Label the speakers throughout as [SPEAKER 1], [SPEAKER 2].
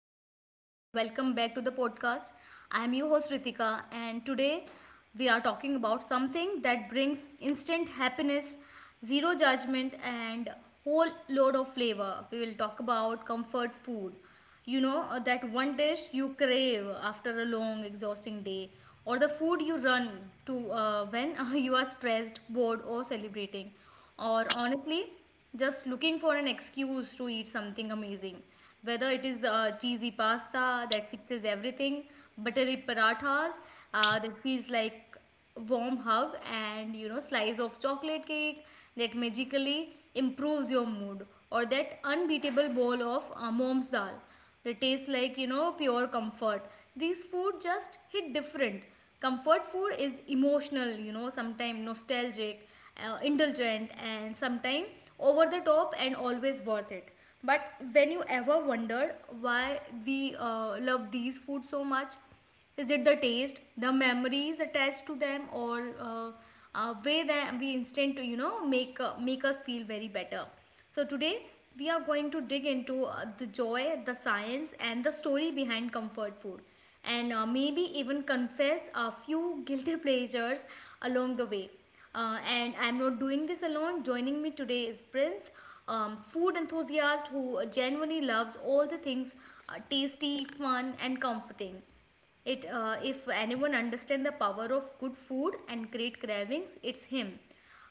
[SPEAKER 1] everyone, and welcome back to the podcast. I am your host Ritika, and today we are talking about something that brings instant happiness, zero judgment, and whole load of flavor. We will talk about comfort food. That one dish you crave after a long, exhausting day, or the food you run to when you are stressed, bored, or celebrating. Or honestly, just looking for an excuse to eat something amazing. Whether it is cheesy pasta that fixes everything, buttery parathas that feels like warm hug, and you know slice of chocolate cake that magically improves your mood, or that unbeatable bowl of mom's dal, they taste like, you know, pure comfort. These food just hit different. Comfort food is emotional, you know, sometimes nostalgic, indulgent, and sometimes over the top and always worth it. But when you ever wondered why we love these food so much, is it the taste, the memories attached to them, or way that we instant to you know make make us feel very better? So, today we are going to dig into the joy, the science, and the story behind comfort food, and maybe even confess a few guilty pleasures along the way. And I'm not doing this alone. Joining me today is Prince, food enthusiast who genuinely loves all the things tasty, fun, and comforting. If anyone understands the power of good food and great cravings, it's him.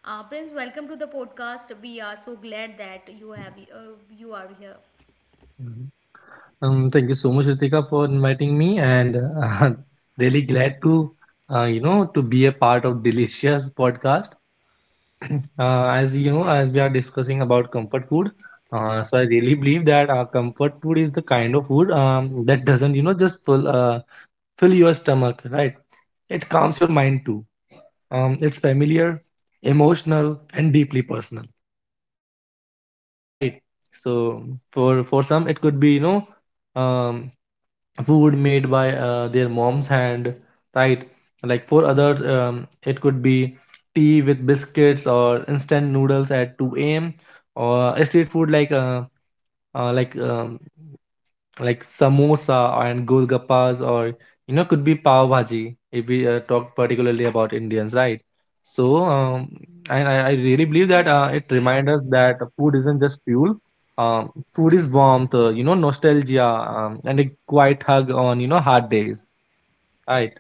[SPEAKER 1] Prince, welcome to the podcast. We are so glad that you are here.
[SPEAKER 2] Mhm. Thank you so much, Ritika, for inviting me, and really glad to to be a part of Delicious podcast. As you know, as we are discussing about comfort food, so I really believe that comfort food is the kind of food that doesn't just fill your stomach, right? It calms your mind too. It's familiar, emotional, and deeply personal, right? So for some, it could be Um, food made by their mom's hand, right, like for others, it could be tea with biscuits or instant noodles at 2 a.m, or street food like uh, like um, like samosa and golgappas, or you know, could be pav bhaji if we talk particularly about Indians, right? So um, and I really believe that it reminds us that food isn't just fuel. Food is warmth, you know, nostalgia, and a quiet hug on hard days, right?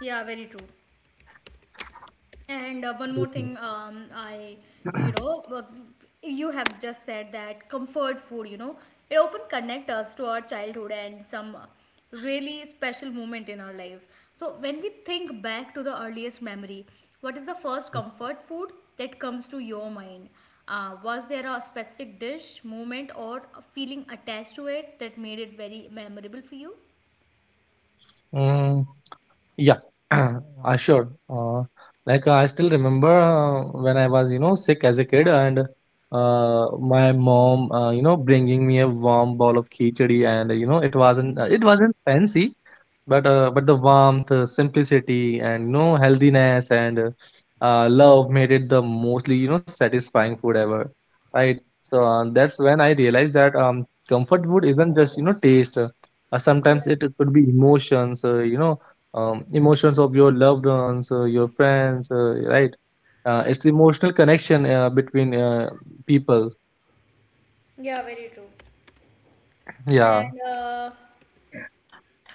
[SPEAKER 1] Yeah, very true. And one more
[SPEAKER 2] Mhm.
[SPEAKER 1] thing, you know, you have just said that comfort food, you know, it often connects us to our childhood and some really special moment in our lives. So when we think back to the earliest memory, what is the first comfort food that comes to your mind? Was there a specific dish, moment, or a feeling attached to it that made it very memorable for you?
[SPEAKER 2] Mm, yeah. I sure. Like I still remember when I was, you know, sick as a kid, and my mom, you know, bringing me a warm bowl of khichdi, and you know, it wasn't,
[SPEAKER 1] Yeah,
[SPEAKER 2] uh, it wasn't fancy, but but the warmth, simplicity, and you know, healthiness, and love made it the mostly you know satisfying food ever, right? So that's when I realized that comfort food isn't just you know taste. Uh, uh,
[SPEAKER 1] yeah,
[SPEAKER 2] sometimes it could be emotions, you know, emotions of your loved ones, your friends, right? It's emotional connection between people.
[SPEAKER 1] yeah. Very true.
[SPEAKER 2] Yeah.
[SPEAKER 1] And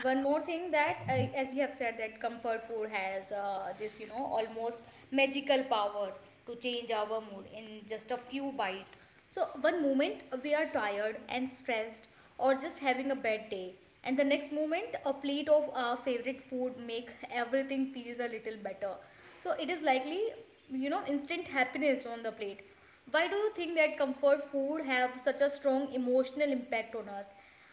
[SPEAKER 1] one more thing that as you have said that comfort food has this you know almost magical power to change our mood in just a few bite, so one moment we are tired and stressed or just having a bad day, and the next moment a plate of our favorite food make everything feels a little better. So it is likely, you know, instant happiness on the plate. Why do you think that comfort food have such a strong emotional impact on us?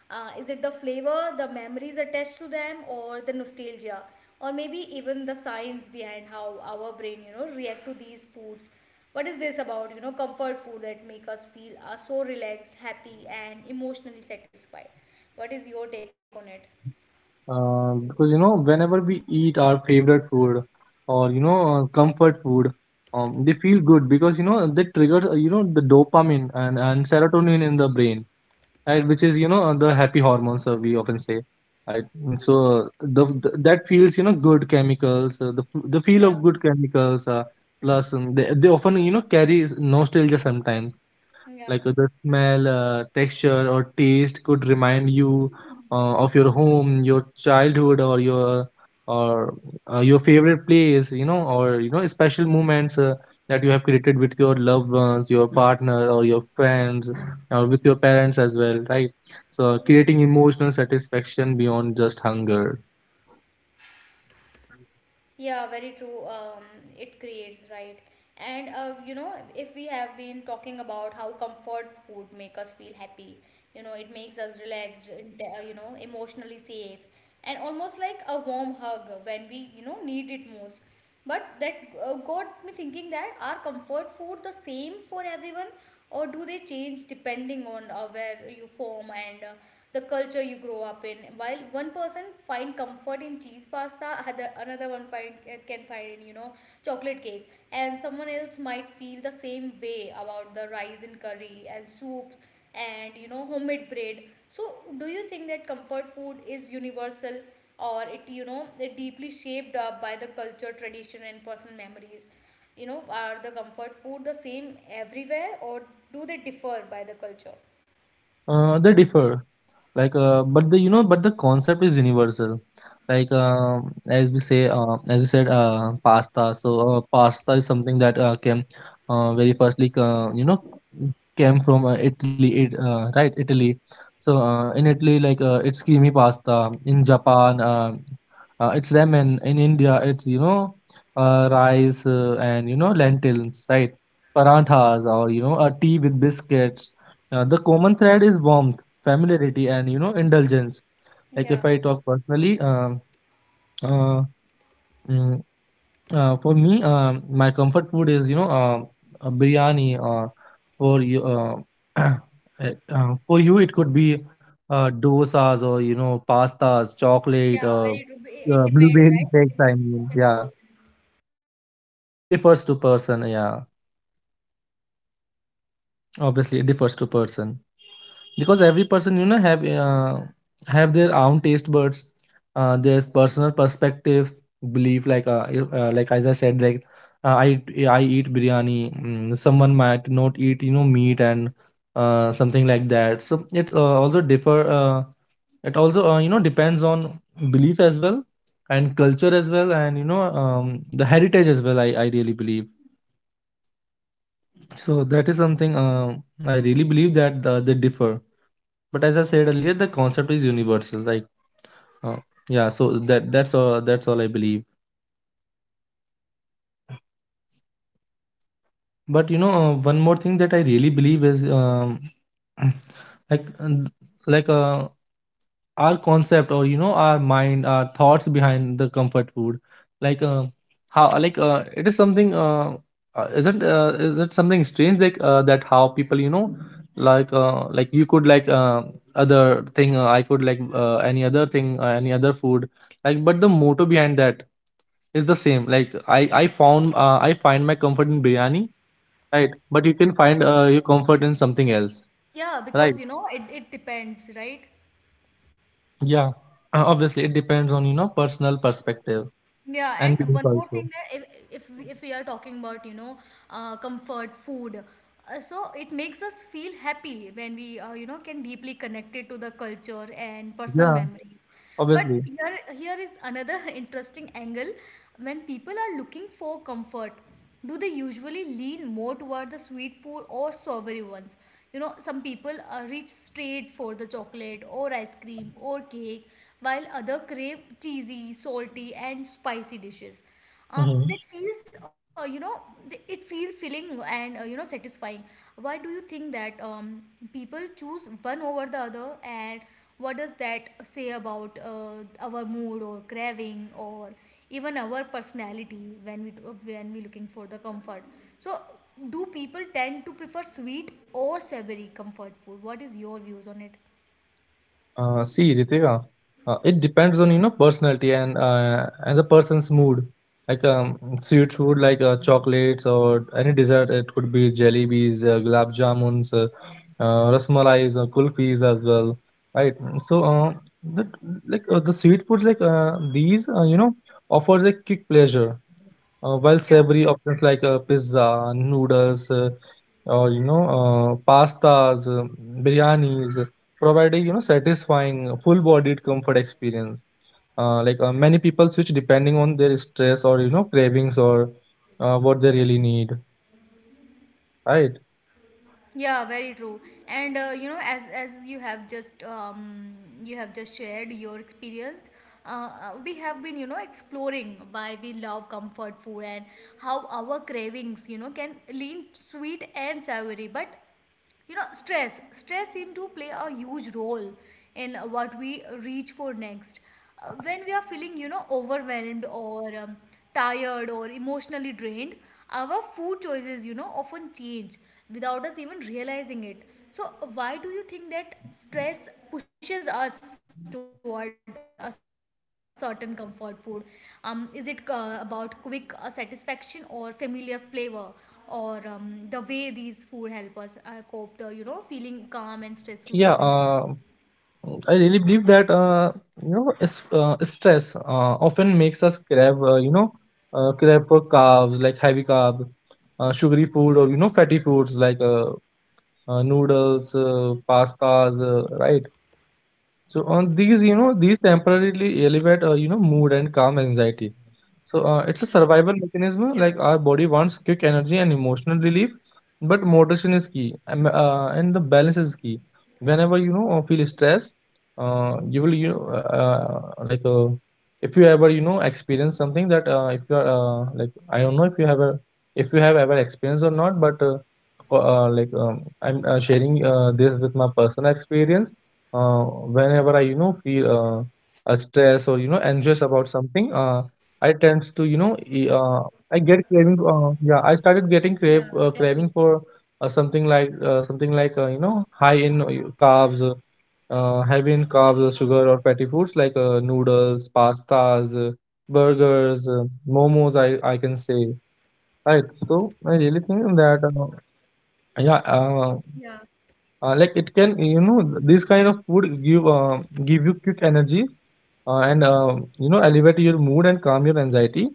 [SPEAKER 1] Is it the flavor, the memories attached to them, or the nostalgia, or maybe even the science behind how our brain, you know, react to these foods? What is this about? You know, comfort food that make us feel so relaxed, happy, and emotionally satisfied. What is your take on it?
[SPEAKER 2] Because you know, whenever we eat our favorite food or you know, comfort food, they feel good because you know they trigger you know the dopamine and serotonin in the brain, right? Which is you know the happy hormones we often say, right? And so the that feels you know good chemicals, the feel
[SPEAKER 1] Yeah,
[SPEAKER 2] of good chemicals, plus they often you know carry nostalgia sometimes,
[SPEAKER 1] yeah.
[SPEAKER 2] like the smell, texture, or taste could remind you of your home, your childhood, or your favorite place, you know, or you know, special moments that you have created with your loved ones, your partner, or your friends, or with your parents as well, right? So creating emotional satisfaction beyond just hunger.
[SPEAKER 1] Yeah, very true. It creates, right? And you know, if we have been talking about how comfort food make us feel happy, you know, it makes us relaxed, and, you know, emotionally safe, and almost like a warm hug when we, you know, need it most, but that got me thinking that are comfort food the same for everyone, or do they change depending on where you form and the culture you grow up in. While one person find comfort in cheese pasta, another one find can find in you know chocolate cake, and someone else might feel the same way about the rice in curry and soups and you know homemade bread. So do you think that comfort food is universal, or it you know it deeply shaped up by the culture tradition and personal memories? You know, are the comfort food the same everywhere, or do they differ by the culture?
[SPEAKER 2] They differ, like but the you know but the concept is universal. Like as we say, as you said, pasta. So pasta is something that came very firstly, you know, came from Italy, it, right? Italy. So in Italy, like it's creamy pasta. In Japan, it's ramen. In India, it's you know rice and you know lentils, right? Paranthas or you know a tea with biscuits, the common thread is warmth, familiarity, and you know indulgence. Like
[SPEAKER 1] Yeah.
[SPEAKER 2] if I talk personally, uh, mm, for me, my comfort food is you know a biryani. For you, for you, it could be dosas or you know pastas, chocolate,
[SPEAKER 1] Yeah, very true. It depends,
[SPEAKER 2] blueberry
[SPEAKER 1] right? It
[SPEAKER 2] cakes. I
[SPEAKER 1] depends
[SPEAKER 2] mean,
[SPEAKER 1] person to
[SPEAKER 2] yeah,
[SPEAKER 1] person.
[SPEAKER 2] it differs to person. Yeah, obviously, it differs to person, because every person you know have their own taste buds, their personal perspective, belief, like if, like as I said, like uh, i I eat biryani. Mm, someone might not eat you know meat and something like that, so it also differ, it also you know depends on belief as well and culture as well and you know the heritage as well, I really believe. So that is something, I really believe that they differ, but as I said earlier, the concept is universal, like uh, yeah. So that's all I believe. But you know, one more thing that I really believe is, like like uh, our concept or you know our mind, our thoughts behind the comfort food, like how like it is something, isn't is it something strange, that how people you know, like you could, other thing, I could like, any other thing, any other food, like, but the motto behind that, it's the same. Like I found, I find my comfort in biryani, right? But you can find your comfort in something else,
[SPEAKER 1] Yeah,
[SPEAKER 2] right?
[SPEAKER 1] because you know, it depends, right?
[SPEAKER 2] Yeah. Obviously, it depends on you know personal perspective
[SPEAKER 1] Yeah,
[SPEAKER 2] and
[SPEAKER 1] and
[SPEAKER 2] belief
[SPEAKER 1] one more
[SPEAKER 2] also.
[SPEAKER 1] thing that if we are talking about, you know, comfort food, so it makes us feel happy when we, you know, can deeply connect it to the culture and personal
[SPEAKER 2] Yeah,
[SPEAKER 1] memories. But
[SPEAKER 2] obviously.
[SPEAKER 1] here is another interesting angle. When people are looking for comfort, do they usually lean more toward the sweet food or savory ones? You know, some people reach straight for the chocolate or ice cream or cake, while other crave cheesy, salty, and spicy dishes. That feels, you know, it feels filling and you know satisfying. Why do you think that people choose one over the other, and what does that say about our mood or craving or even our personality when we looking for the comfort? So, do people tend to prefer sweet or savory comfort food? What is your views on it?
[SPEAKER 2] See, Ritika, it depends on you know personality and and the person's mood. Like sweet food like chocolates or any dessert. It could be jelly bees, gulab jamuns, rasmalais, kulfis as well, right? Mm. So the the sweet foods like these you know offers a quick pleasure, while
[SPEAKER 1] Yeah,
[SPEAKER 2] savory options like pizza, noodles, or pastas, biryanis, providing you know satisfying full-bodied comfort experience. Many people switch depending on their stress or you know cravings or what they really need, right?
[SPEAKER 1] yeah, Very true. And you know, as you have just shared your experience, we have been you know exploring why we love comfort food and how our cravings you know can lean sweet and savory, but you know stress seems to play a huge role in what we reach for next. When we are feeling you know overwhelmed or tired or emotionally drained, our food choices you know often change without us even realizing it. So why do you think that stress pushes us toward a certain comfort food? Is it about quick satisfaction or familiar flavor, or the way these food help us cope the you know feeling calm and stressful moment?
[SPEAKER 2] Yeah. I really believe that you know stress often makes us crave you know crave for carbs, like heavy carb, sugary food or you know fatty foods like noodles, pastas, right? So on these, you know, these temporarily elevate, you know, mood and calm anxiety. So it's a survival mechanism. Like our body wants quick energy and emotional relief, but moderation is key, and the balance is key. Whenever you know or feel stress, you will you know, like if you ever you know experience something that if you are like I don't know if you have a, if you have ever experienced or not, but like I'm sharing this with my personal experience. Uh, whenever I, you know, feel a stress or you know anxious about something, I tend to, you know,
[SPEAKER 1] Yeah,
[SPEAKER 2] I get
[SPEAKER 1] exactly.
[SPEAKER 2] craving. Yeah, I started getting crave craving for something like you know high in carbs, heavy in carbs, sugar or fatty foods like noodles, pastas, burgers, momos. I can say, right. So I really think
[SPEAKER 1] Yeah,
[SPEAKER 2] that yeah. Like it can you know this kind of food give give you quick energy and you know elevate your mood and calm your anxiety,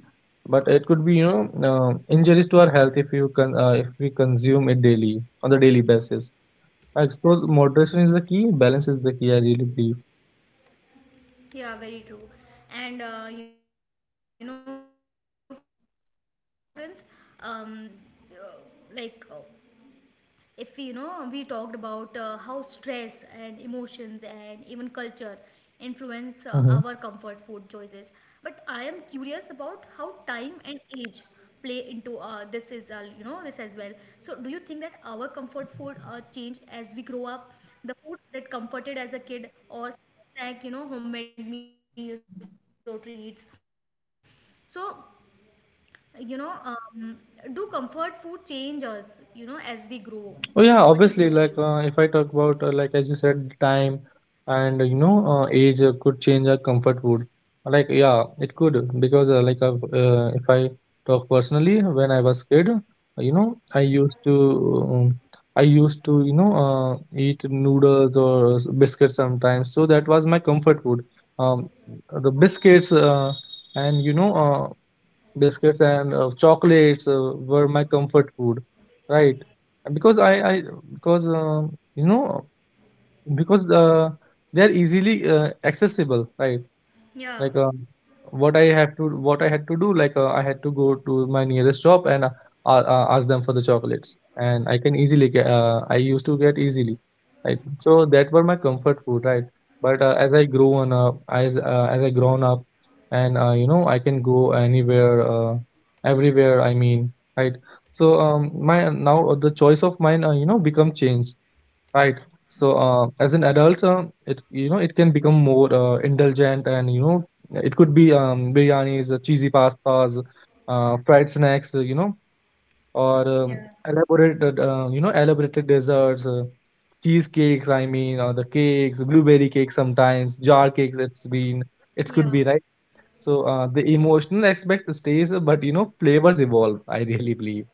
[SPEAKER 2] but it could be you know injuries to our health if you can if we consume it daily, on the daily basis.
[SPEAKER 1] yeah,
[SPEAKER 2] I explore moderation is the key, balance is the key, I really believe.
[SPEAKER 1] yeah, very true. And you know, Prince, uh, uh, like uh, if we, you know we talked about how stress and emotions and even culture influence our comfort food choices, but I
[SPEAKER 2] Mm-hmm.
[SPEAKER 1] am curious about how time and age play into this is you know this as well. So do you think that our comfort food change as we grow up, the food that comforted as a kid or snack you know homemade meals or treats? So you know, do comfort food change us, you know, as we grow? What is your views?
[SPEAKER 2] Oh yeah, obviously. Like if I talk about, like as you said, time and you know age could change our comfort food. Like yeah, it could, because if I talk personally, when I was kid, you know, I used to you know eat noodles or biscuits sometimes. So that was my comfort food. Um, the biscuits and biscuits and chocolates were my comfort food, right. And because I because you know, because they are easily accessible, right,
[SPEAKER 1] Yeah,
[SPEAKER 2] like, what I had to do, like, I had to go to my nearest shop and ask them for the chocolates, and I can easily get. I used to get easily, right? So that were my comfort food, right? But as I grown up, and you know, I can go anywhere, everywhere. I mean, right? So my now the choice of mine, you know, become changed. Right. So, as an adult, it you know it can become more indulgent, and you know it could be biryanis, cheesy pastas, fried snacks, you know, or
[SPEAKER 1] yeah,
[SPEAKER 2] elaborated you know elaborated desserts, cheesecakes. I mean, or the cakes, blueberry cakes sometimes, jar cakes. It's been, it could
[SPEAKER 1] yeah,
[SPEAKER 2] be, right. So the emotional aspect stays, but you know flavors evolve, I really believe.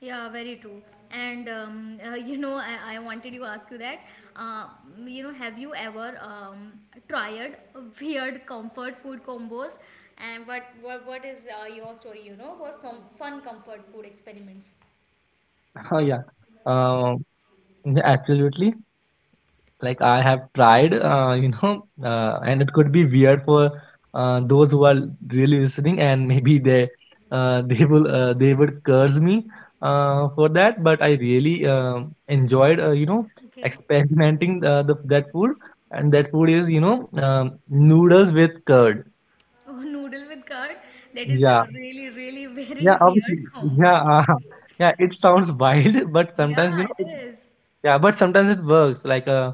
[SPEAKER 1] yeah, Very true. And, you know, I wanted to ask you that, uh, you know, have you ever tried weird comfort food combos? And what is your story, you know, for fun comfort food experiments?
[SPEAKER 2] Oh yeah. Um, yeah, absolutely. Like I have tried, and it could be weird for those who are really listening, and maybe they they would curse me for that. But I really enjoyed,
[SPEAKER 1] Okay.
[SPEAKER 2] experimenting that food. And that food is, noodles with curd.
[SPEAKER 1] Oh, noodle with curd. That is
[SPEAKER 2] Yeah,
[SPEAKER 1] a really, really very
[SPEAKER 2] yeah, obviously.
[SPEAKER 1] weird combo, I
[SPEAKER 2] Yeah,
[SPEAKER 1] can say.
[SPEAKER 2] yeah, it sounds wild, but sometimes,
[SPEAKER 1] Yeah, it
[SPEAKER 2] it.
[SPEAKER 1] is.
[SPEAKER 2] Yeah, but sometimes it works, like, uh,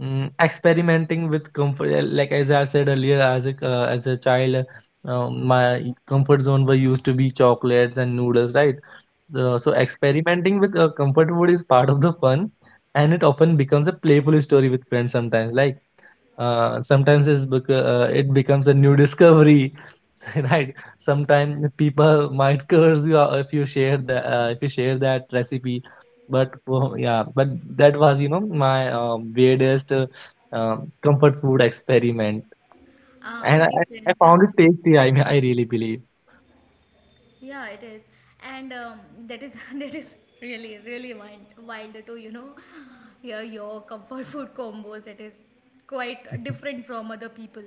[SPEAKER 2] Mm, experimenting with comfort, like, as I said earlier, as a as a child, my comfort zone were used to be chocolates and noodles, right? so,
[SPEAKER 1] Yeah.
[SPEAKER 2] so experimenting with comfort food is part of the fun, and it often becomes a playful story with friends. Sometimes, like, sometimes it becomes a new discovery, right? Sometimes people might curse you out if you share the, if you share that recipe. But, oh, yeah, but that was, my weirdest, uh, comfort food experiment. And I,
[SPEAKER 1] Okay,
[SPEAKER 2] I
[SPEAKER 1] Prince.
[SPEAKER 2] found it tasty. I mean, I really believe.
[SPEAKER 1] Yeah, it is, and that is that is really wild, wild to you know hear your comfort food combos. It is quite different from other people,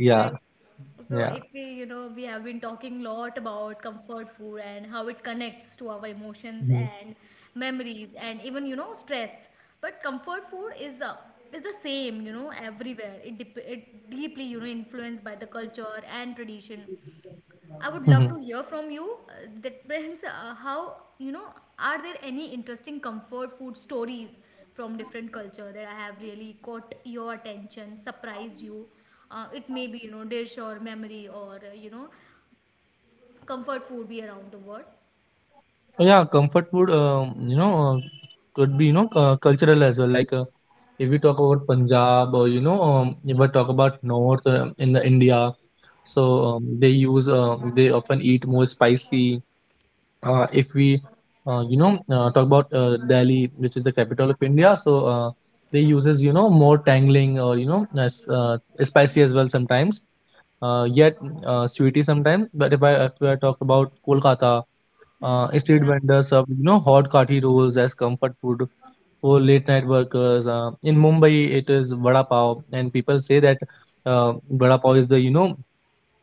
[SPEAKER 2] Yeah,
[SPEAKER 1] right? So
[SPEAKER 2] yeah.
[SPEAKER 1] if we you know we have been talking a lot about comfort food and how it connects to our emotions
[SPEAKER 2] Mhm.
[SPEAKER 1] and memories and even you know stress, but comfort food is the same you know everywhere. It deeply you know influenced by the culture and tradition. I would love to hear from you. That brings how you know. Are there any interesting comfort food stories from different culture that I have really caught your attention, surprised you? It may be you know dish or memory or you know comfort food be around the world.
[SPEAKER 2] Oh, yeah, comfort food, could be, cultural as well. Like, if we talk about Punjab, or, if we talk about North, in the India. So they often eat more spicy. If we, talk about Delhi, which is the capital of India, so they uses, more tangling, or, spicy as well sometimes. Yet sweety sometimes. But if I talk about Kolkata,
[SPEAKER 1] Hmm.
[SPEAKER 2] street
[SPEAKER 1] Yeah,
[SPEAKER 2] vendors serve, hot kati rolls as comfort food for late night workers. In Mumbai, it is vada pav, and people say that vada pav is the,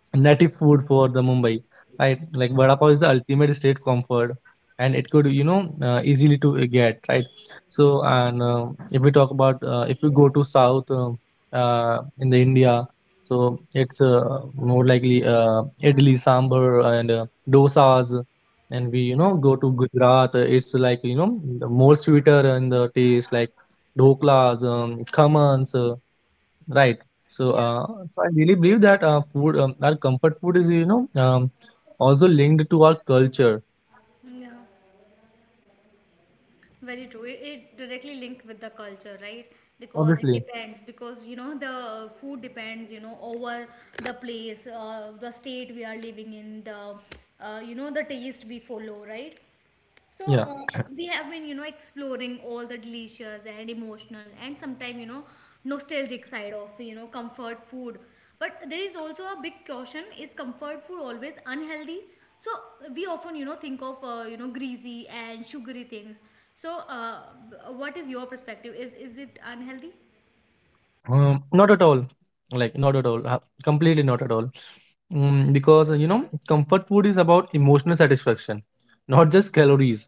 [SPEAKER 2] native food for the Mumbai, right? Like vada pav is the ultimate state comfort, and it could, easily to get, right. So, and, if we go to south, in the India. So it's, more likely, idli sambar and dosas. And we,
[SPEAKER 1] yeah,
[SPEAKER 2] go to Gujarat, it's like, the more sweeter in the taste, like dhoklas, khamans. Right. So,
[SPEAKER 1] yeah,
[SPEAKER 2] uh, so I really believe that our comfort food is, also linked to our culture.
[SPEAKER 1] yeah. Very true. It directly linked with the culture, right? Because it
[SPEAKER 2] Obviously.
[SPEAKER 1] depends. Because you know the food depends. You know over the place, the state we are living in, the you know the taste we follow, right? So
[SPEAKER 2] Yeah.
[SPEAKER 1] we have been, you know, exploring all the delicious and emotional and sometimes, you know, nostalgic side of, you know, comfort food. But there is also a big caution: is comfort food always unhealthy? So we often, you know, think of, you know, greasy and sugary things. So what is your perspective? Is it unhealthy?
[SPEAKER 2] Not at all. Like, not at all. Completely not at all. Because, comfort food is about emotional satisfaction, not just calories.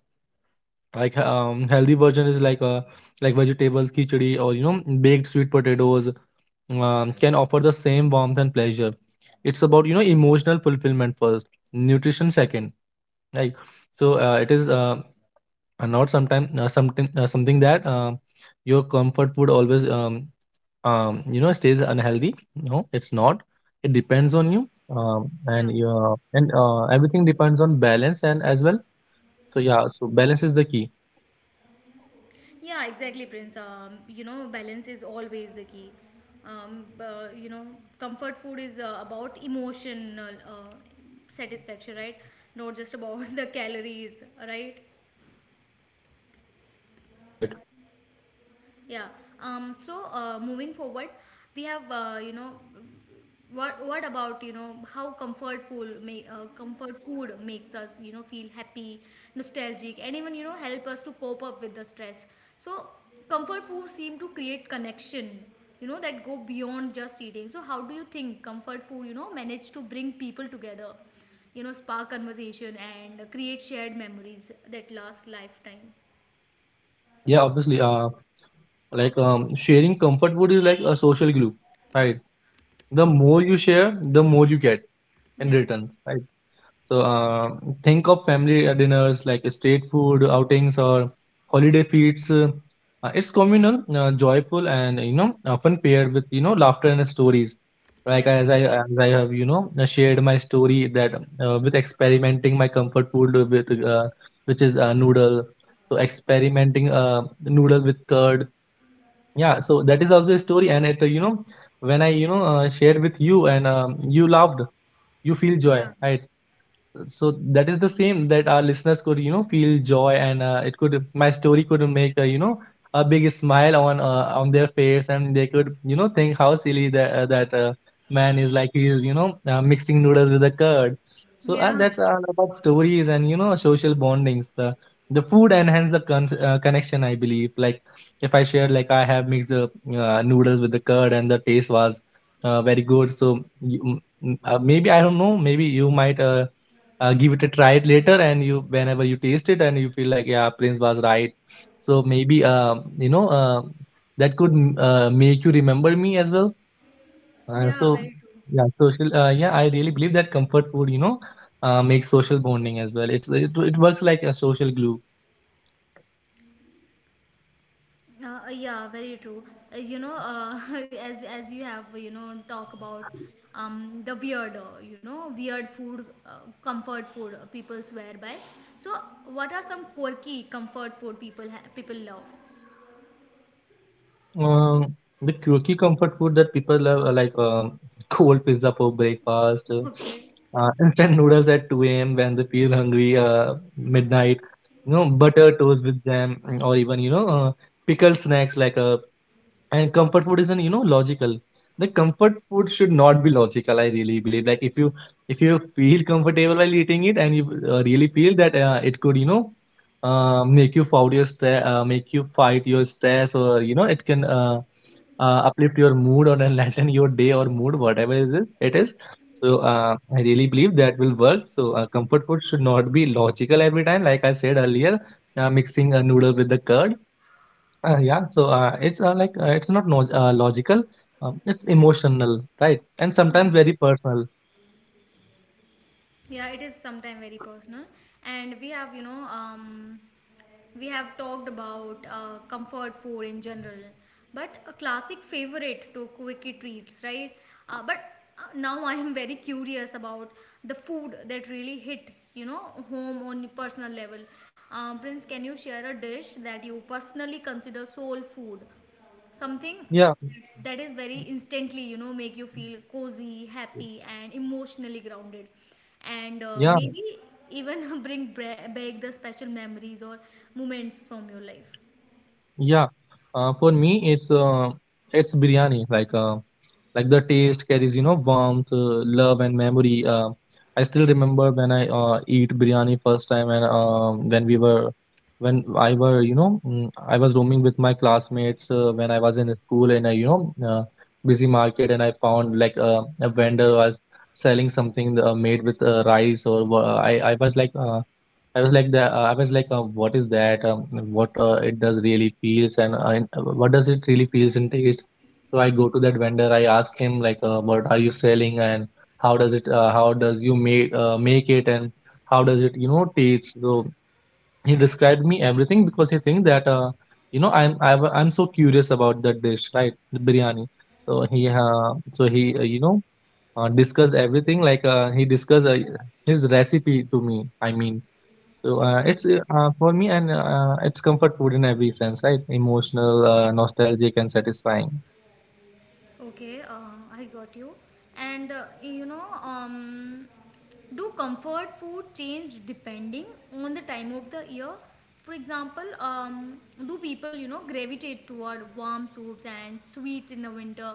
[SPEAKER 2] Like, healthy version is like vegetables, khichdi, or, baked sweet potatoes, can offer the same warmth and pleasure. It's about, emotional fulfillment first, nutrition second, right. So it is, not sometime, something, something that your comfort food always, stays unhealthy. No, it's not. It depends on you, and
[SPEAKER 1] Yeah.
[SPEAKER 2] your, and everything depends on balance, and as well. So yeah, so balance is the key.
[SPEAKER 1] Yeah, exactly, Prince. You know, balance is always the key. You know, comfort food is about emotional satisfaction, right? Not just about the calories, right?
[SPEAKER 2] Right, right.
[SPEAKER 1] Yeah. So moving forward, we have you know what about you know how comfort food makes us you know feel happy, nostalgic, and even you know help us to cope up with the stress. So comfort food seem to create connection, you know that go beyond just eating. So how do you think comfort food you know manage to bring people together, you know spark conversation and create shared memories that last lifetime?
[SPEAKER 2] Yeah, obviously. Like, sharing comfort food is like a social glue. Right. The more you share, the more you get in
[SPEAKER 1] Yeah,
[SPEAKER 2] return, right. So think of family dinners, like street food outings or holiday feasts. It's communal, joyful, and, often paired with, laughter and stories. Like,
[SPEAKER 1] yeah,
[SPEAKER 2] as I have, shared my story, that with experimenting my comfort food with, which is, noodle. So experimenting noodle with curd. Yeah, so that is also a story, and it, when I, shared with you, and, you loved, you feel joy,
[SPEAKER 1] yeah,
[SPEAKER 2] right? So that is the same, that our listeners could, feel joy, and, it could my story could make, a big smile on their face. And they could, think how silly that man is. Like, he is, mixing noodles with a curd. So
[SPEAKER 1] yeah,
[SPEAKER 2] that's all about stories, and, social bondings, the food enhance the connection, I believe. Like, if I share, like I have mixed the, noodles with the curd, and the taste was, very good. So you, maybe, I don't know, maybe you might, give it a try later. And you whenever you taste it and you feel like, yeah, Prince was right. So maybe, that could, make you remember me as well.
[SPEAKER 1] yeah.
[SPEAKER 2] So
[SPEAKER 1] Very true.
[SPEAKER 2] yeah, social yeah, I really believe that comfort food, makes social bonding as well. It works like a social glue.
[SPEAKER 1] Yeah, very true. Uh, you know, uh, as you have talk about the weird, weird food, comfort food people swear by. So, what are some quirky comfort food people love?
[SPEAKER 2] Um, the quirky comfort food that people love, like, cold pizza for breakfast,
[SPEAKER 1] Okay.
[SPEAKER 2] instant noodles at 2 a.m. when they feel hungry, midnight,
[SPEAKER 1] Yeah.
[SPEAKER 2] butter toast with jam, or even, pickled snacks like a. And comfort food isn't, logical. The comfort food should not be logical, I really believe. Like, if you feel comfortable while eating it, and you, really feel that, it could make you fight your stress, or, it can, uplift your mood or enlighten your day or mood, whatever is it, it is. So I really believe that will work. So comfort food should not be logical every time. Like I said earlier, mixing a noodle with the curd. Yeah, so it's not no logical. It's emotional, right? And
[SPEAKER 1] Yeah,
[SPEAKER 2] sometimes very personal.
[SPEAKER 1] yeah, it is sometimes very personal. And we have, we have talked about comfort food in general, but a classic favorite to quickie treats, right? But now I am very curious about the food that really hit, you know, home on personal level. Prince, can you share a dish that you personally consider soul food? Something
[SPEAKER 2] Yeah,
[SPEAKER 1] that is very instantly make you feel cozy, happy, and emotionally grounded, and
[SPEAKER 2] yeah.
[SPEAKER 1] maybe even bring back the special memories or moments from your life.
[SPEAKER 2] Yeah, for me it's biryani. Like the taste carries, warmth, love, and memory. I still remember when I, eat biryani first time, and when I were you know mm, I was roaming with my classmates when I was in school in a, busy market. And I found, like, a vendor was selling something, made with, rice, or, I was like. I was like that. I was like, what is that? What, it does really feels, and, what does it really feels and taste? So I go to that vendor. I ask him, like, what are you selling, and how does it? How does you make it, and how does it, taste? So he described me everything, because he think that, I'm so curious about that dish, right? The biryani. So he, discuss everything, like, he discuss, his recipe to me. I mean. So it's,
[SPEAKER 1] Okay.
[SPEAKER 2] for me, and, it's comfort food in every sense, right? Emotional, nostalgic, and satisfying.
[SPEAKER 1] Okay, I got you. And do comfort food change depending on the time of the year? For example, do people gravitate toward warm soups and sweets in the winter,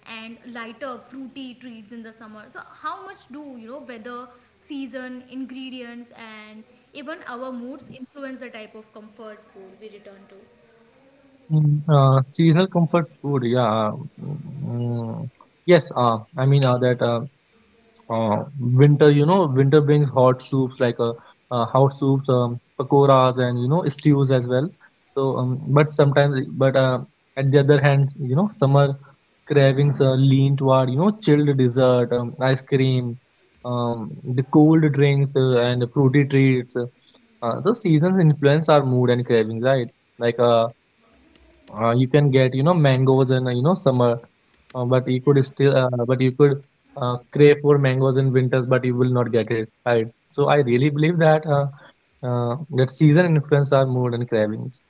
[SPEAKER 1] and lighter fruity treats in the summer? So how much do weather, season, ingredients, and even our moods influence the type of comfort food we return to?
[SPEAKER 2] Seasonal comfort food, yeah. Mm, yes, I mean, that. Winter, winter brings hot soups, pakoras, and, stews as well. So, but at the other hand, summer cravings, lean toward, chilled dessert, ice cream, the cold drinks, and the fruity treats. So seasons influence our mood and cravings, right? Like uh, you can get, mangoes in, summer, but you
[SPEAKER 1] Yeah.
[SPEAKER 2] could still uh, but you could crave for mangoes in winters, but you will not get it, right. So I really believe that, that season influence our mood and cravings.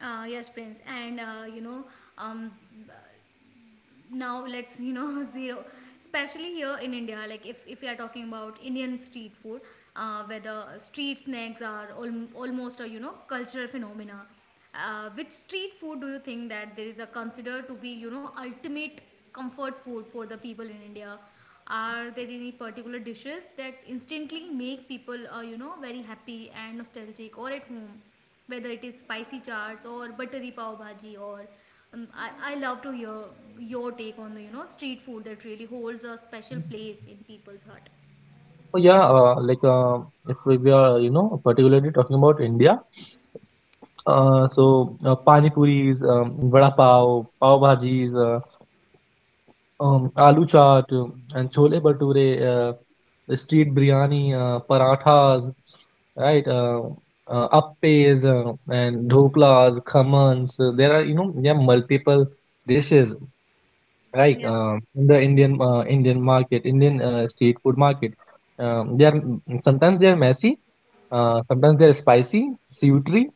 [SPEAKER 1] Yes, Prince, and um, b- now let's zero, especially here in India. Like if we are talking about Indian street food, where the street snacks are almost a cultural phenomena. Which street food do you think that there is a considered to be ultimate comfort food for the people in India? Are there any particular dishes that instantly make people very happy and nostalgic or at home? Whether it is spicy chaats or buttery pav bhaji or I love to hear your take on the street food that really holds a special place in people's heart.
[SPEAKER 2] So yeah, like, if we are, particularly talking about India. So pani puris, vada pav, pav bhajis, aloo chaat, and chole bhature, the street biryani, parathas, right? Appes and dhoklas, khamans. There are multiple dishes, right?
[SPEAKER 1] Yeah.
[SPEAKER 2] In the Indian market, Indian street food market. They are sometimes they are messy, sometimes they are spicy, savory,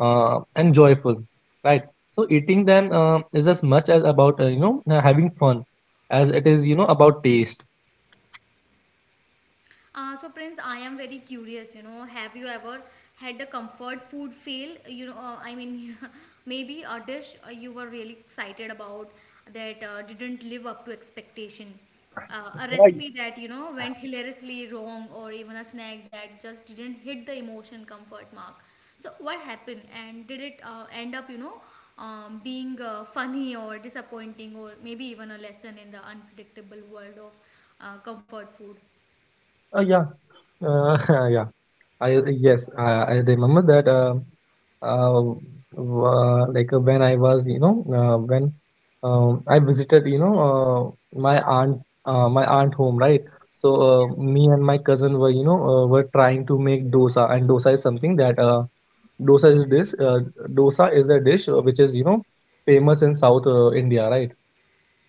[SPEAKER 2] and joyful, right? So eating them, is as much as about, having fun as it is, about taste.
[SPEAKER 1] So Prince, I am very curious. You know, have you ever had a comfort food fail? I mean, maybe a dish you were really excited about that didn't live up to expectation, a
[SPEAKER 2] Right.
[SPEAKER 1] recipe that went hilariously wrong, or even a snack that just didn't hit the emotion comfort mark. So what happened, and did it end up, being funny or disappointing, or maybe even a lesson in the unpredictable world of comfort food?
[SPEAKER 2] Yeah. Uh, yeah. I yes, I remember that. Uh, like, when I was, when, I visited, my aunt home, right? So me and my cousin were trying to make dosa. And dosa is something that, dosa is dish. Dosa is a dish which is, famous in South, India, right?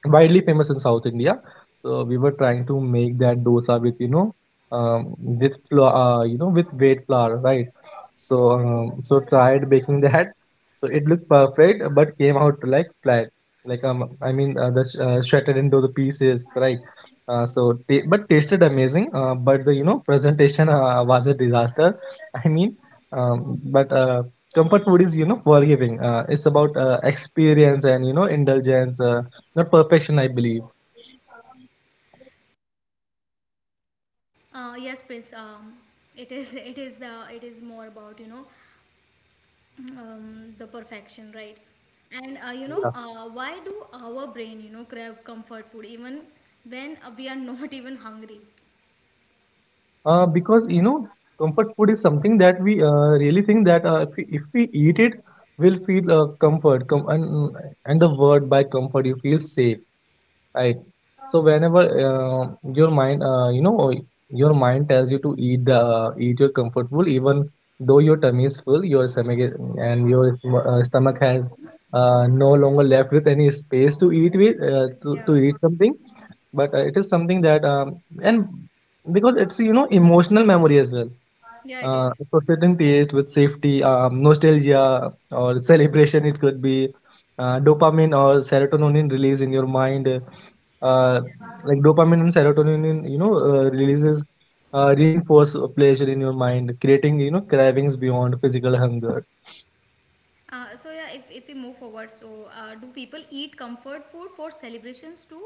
[SPEAKER 2] Widely famous in South India. So we were trying to make that dosa with with flour, you know with wheat flour, right? So tried baking that. So it looked perfect, but came out like flat. Shattered into the pieces, right? So ta but tasted amazing. But the presentation was a disaster. I mean, but comfort food is forgiving. It's about experience and indulgence. Not perfection, I believe.
[SPEAKER 1] Yes, Prince. It is. It is the. It is more about the perfection, right? And
[SPEAKER 2] Yeah.
[SPEAKER 1] why do our brain crave comfort food even when we are not even hungry?
[SPEAKER 2] Because comfort food is something that we really think that uh, if we eat it, we'll feel comfort. And the word by comfort, you feel safe. Right. So whenever your mind, uh, you know, your mind tells you to eat your comfort food, even though your tummy is full, your stomach is- and your sm- stomach has no longer left with any space to eat with to
[SPEAKER 1] Yeah.
[SPEAKER 2] eat something. But it is something that and because it's emotional memory as well.
[SPEAKER 1] Yeah, it is.
[SPEAKER 2] Associating taste with safety, nostalgia or celebration, it could be dopamine or serotonin release in your mind. Uh, like dopamine and serotonin in, you know releases reinforce pleasure in your mind, creating cravings beyond physical hunger.
[SPEAKER 1] So yeah, if we move forward, so do people eat comfort food for celebrations too?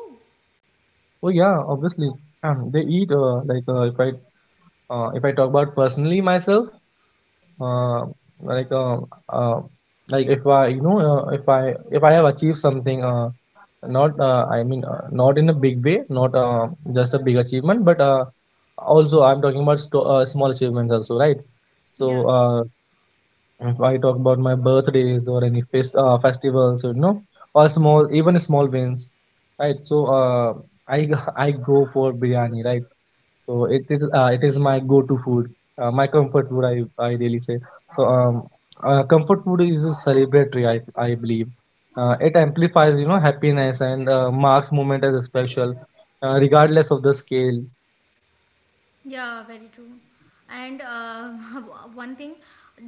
[SPEAKER 2] Oh yeah, obviously. They eat like if I talk about personally myself. Uh, like uh, uh, like if I you know if I have achieved something, not I mean not in a big way, not just a big achievement, but also I'm talking about small achievements also, right? so
[SPEAKER 1] Yeah.
[SPEAKER 2] uh, if I talk about my birthdays or any festivals, you know, or small, even small wins, right? I go for biryani, right? So it is my go-to food, my comfort food. I really say so. Comfort food is a celebratory, I believe. It amplifies happiness and marks moment as a special, regardless of the scale.
[SPEAKER 1] Yeah, very true. And one thing,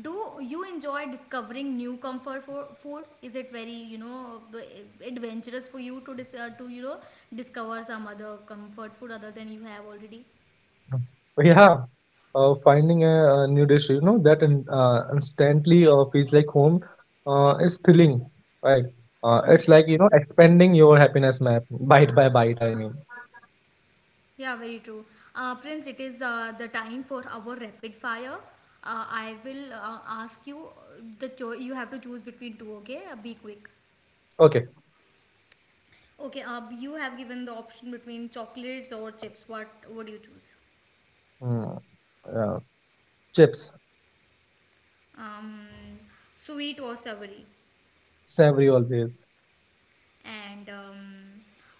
[SPEAKER 1] do you enjoy discovering new comfort for food? Is it very adventurous for you to to discover some other comfort food other than you have already?
[SPEAKER 2] Yeah, finding a new dish, you know, that instantly feels like home is thrilling, right? It's
[SPEAKER 1] Yeah,
[SPEAKER 2] like, you know, expanding your happiness map bite by bite, I mean.
[SPEAKER 1] yeah, very true. Prince, it is the time for our rapid fire. I will ask you you have to choose between two. Okay, be quick.
[SPEAKER 2] Okay.
[SPEAKER 1] Okay, you have given the option between chocolates or chips. What do you choose?
[SPEAKER 2] Mm, uh, Chips.
[SPEAKER 1] Um, sweet or savory,
[SPEAKER 2] Savory always.
[SPEAKER 1] and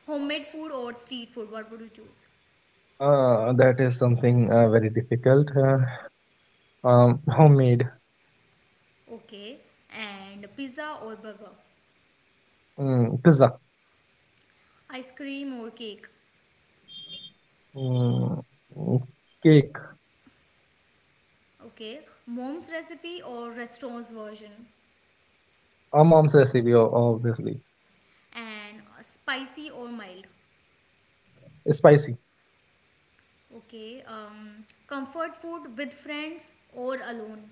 [SPEAKER 1] homemade food or street food. What would you choose?
[SPEAKER 2] That is something very difficult. Homemade.
[SPEAKER 1] Okay, and pizza or burger,
[SPEAKER 2] Pizza.
[SPEAKER 1] ice cream or cake.
[SPEAKER 2] mm, mm, Cake.
[SPEAKER 1] Okay, mom's recipe or restaurant's version,
[SPEAKER 2] Our mom's recipe, o- obviously.
[SPEAKER 1] and spicy or mild.
[SPEAKER 2] Spicy.
[SPEAKER 1] Okay, comfort food with friends or alone.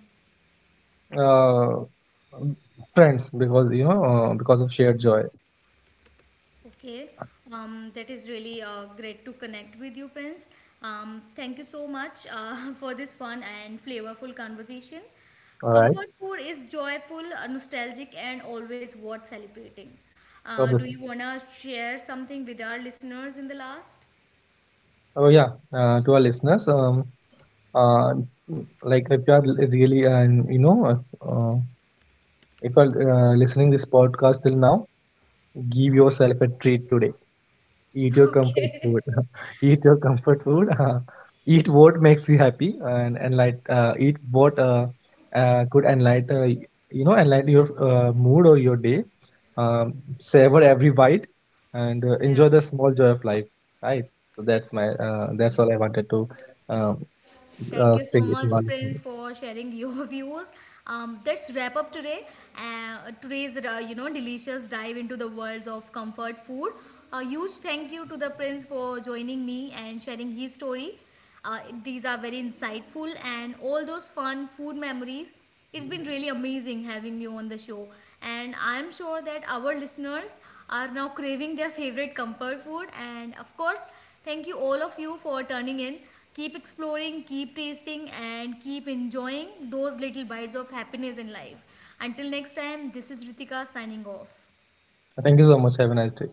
[SPEAKER 2] uh, Friends, because because of shared joy.
[SPEAKER 1] Okay, that is really great to connect with you, Prince. Thank you so much for this fun and flavorful conversation.
[SPEAKER 2] All right.
[SPEAKER 1] Comfort food is joyful, nostalgic, and always worth celebrating. Do
[SPEAKER 2] Obviously.
[SPEAKER 1] you want to share something with our listeners in the last?
[SPEAKER 2] Oh yeah. To our listeners, uh like if you are really, and uh, if you're listening this podcast till now, give yourself a treat today. Eat your comfort
[SPEAKER 1] Okay.
[SPEAKER 2] food. Eat your comfort food. Eat what makes you happy and enlight. Eat what could enlighten you know enlighten your mood or your day. Um, Savor every bite and
[SPEAKER 1] Yeah.
[SPEAKER 2] enjoy the small joy of life. Right. So that's my that's all I wanted to um,
[SPEAKER 1] Thank you
[SPEAKER 2] say.
[SPEAKER 1] so
[SPEAKER 2] To
[SPEAKER 1] much,
[SPEAKER 2] all of.
[SPEAKER 1] Prince, for sharing your views. Let's wrap up today. Today's delicious dive into the worlds of comfort food. A huge thank you to the Prince for joining me and sharing his story. These are very insightful and all those fun food memories. It's been really amazing having you on the show, and I'm sure that our listeners are now craving their favorite comfort food. And of course, thank you all of you for turning in. Keep exploring, keep tasting, and keep enjoying those little bites of happiness in life. Until next time, this is Ritika signing off.
[SPEAKER 2] Thank you so much. Have a nice day.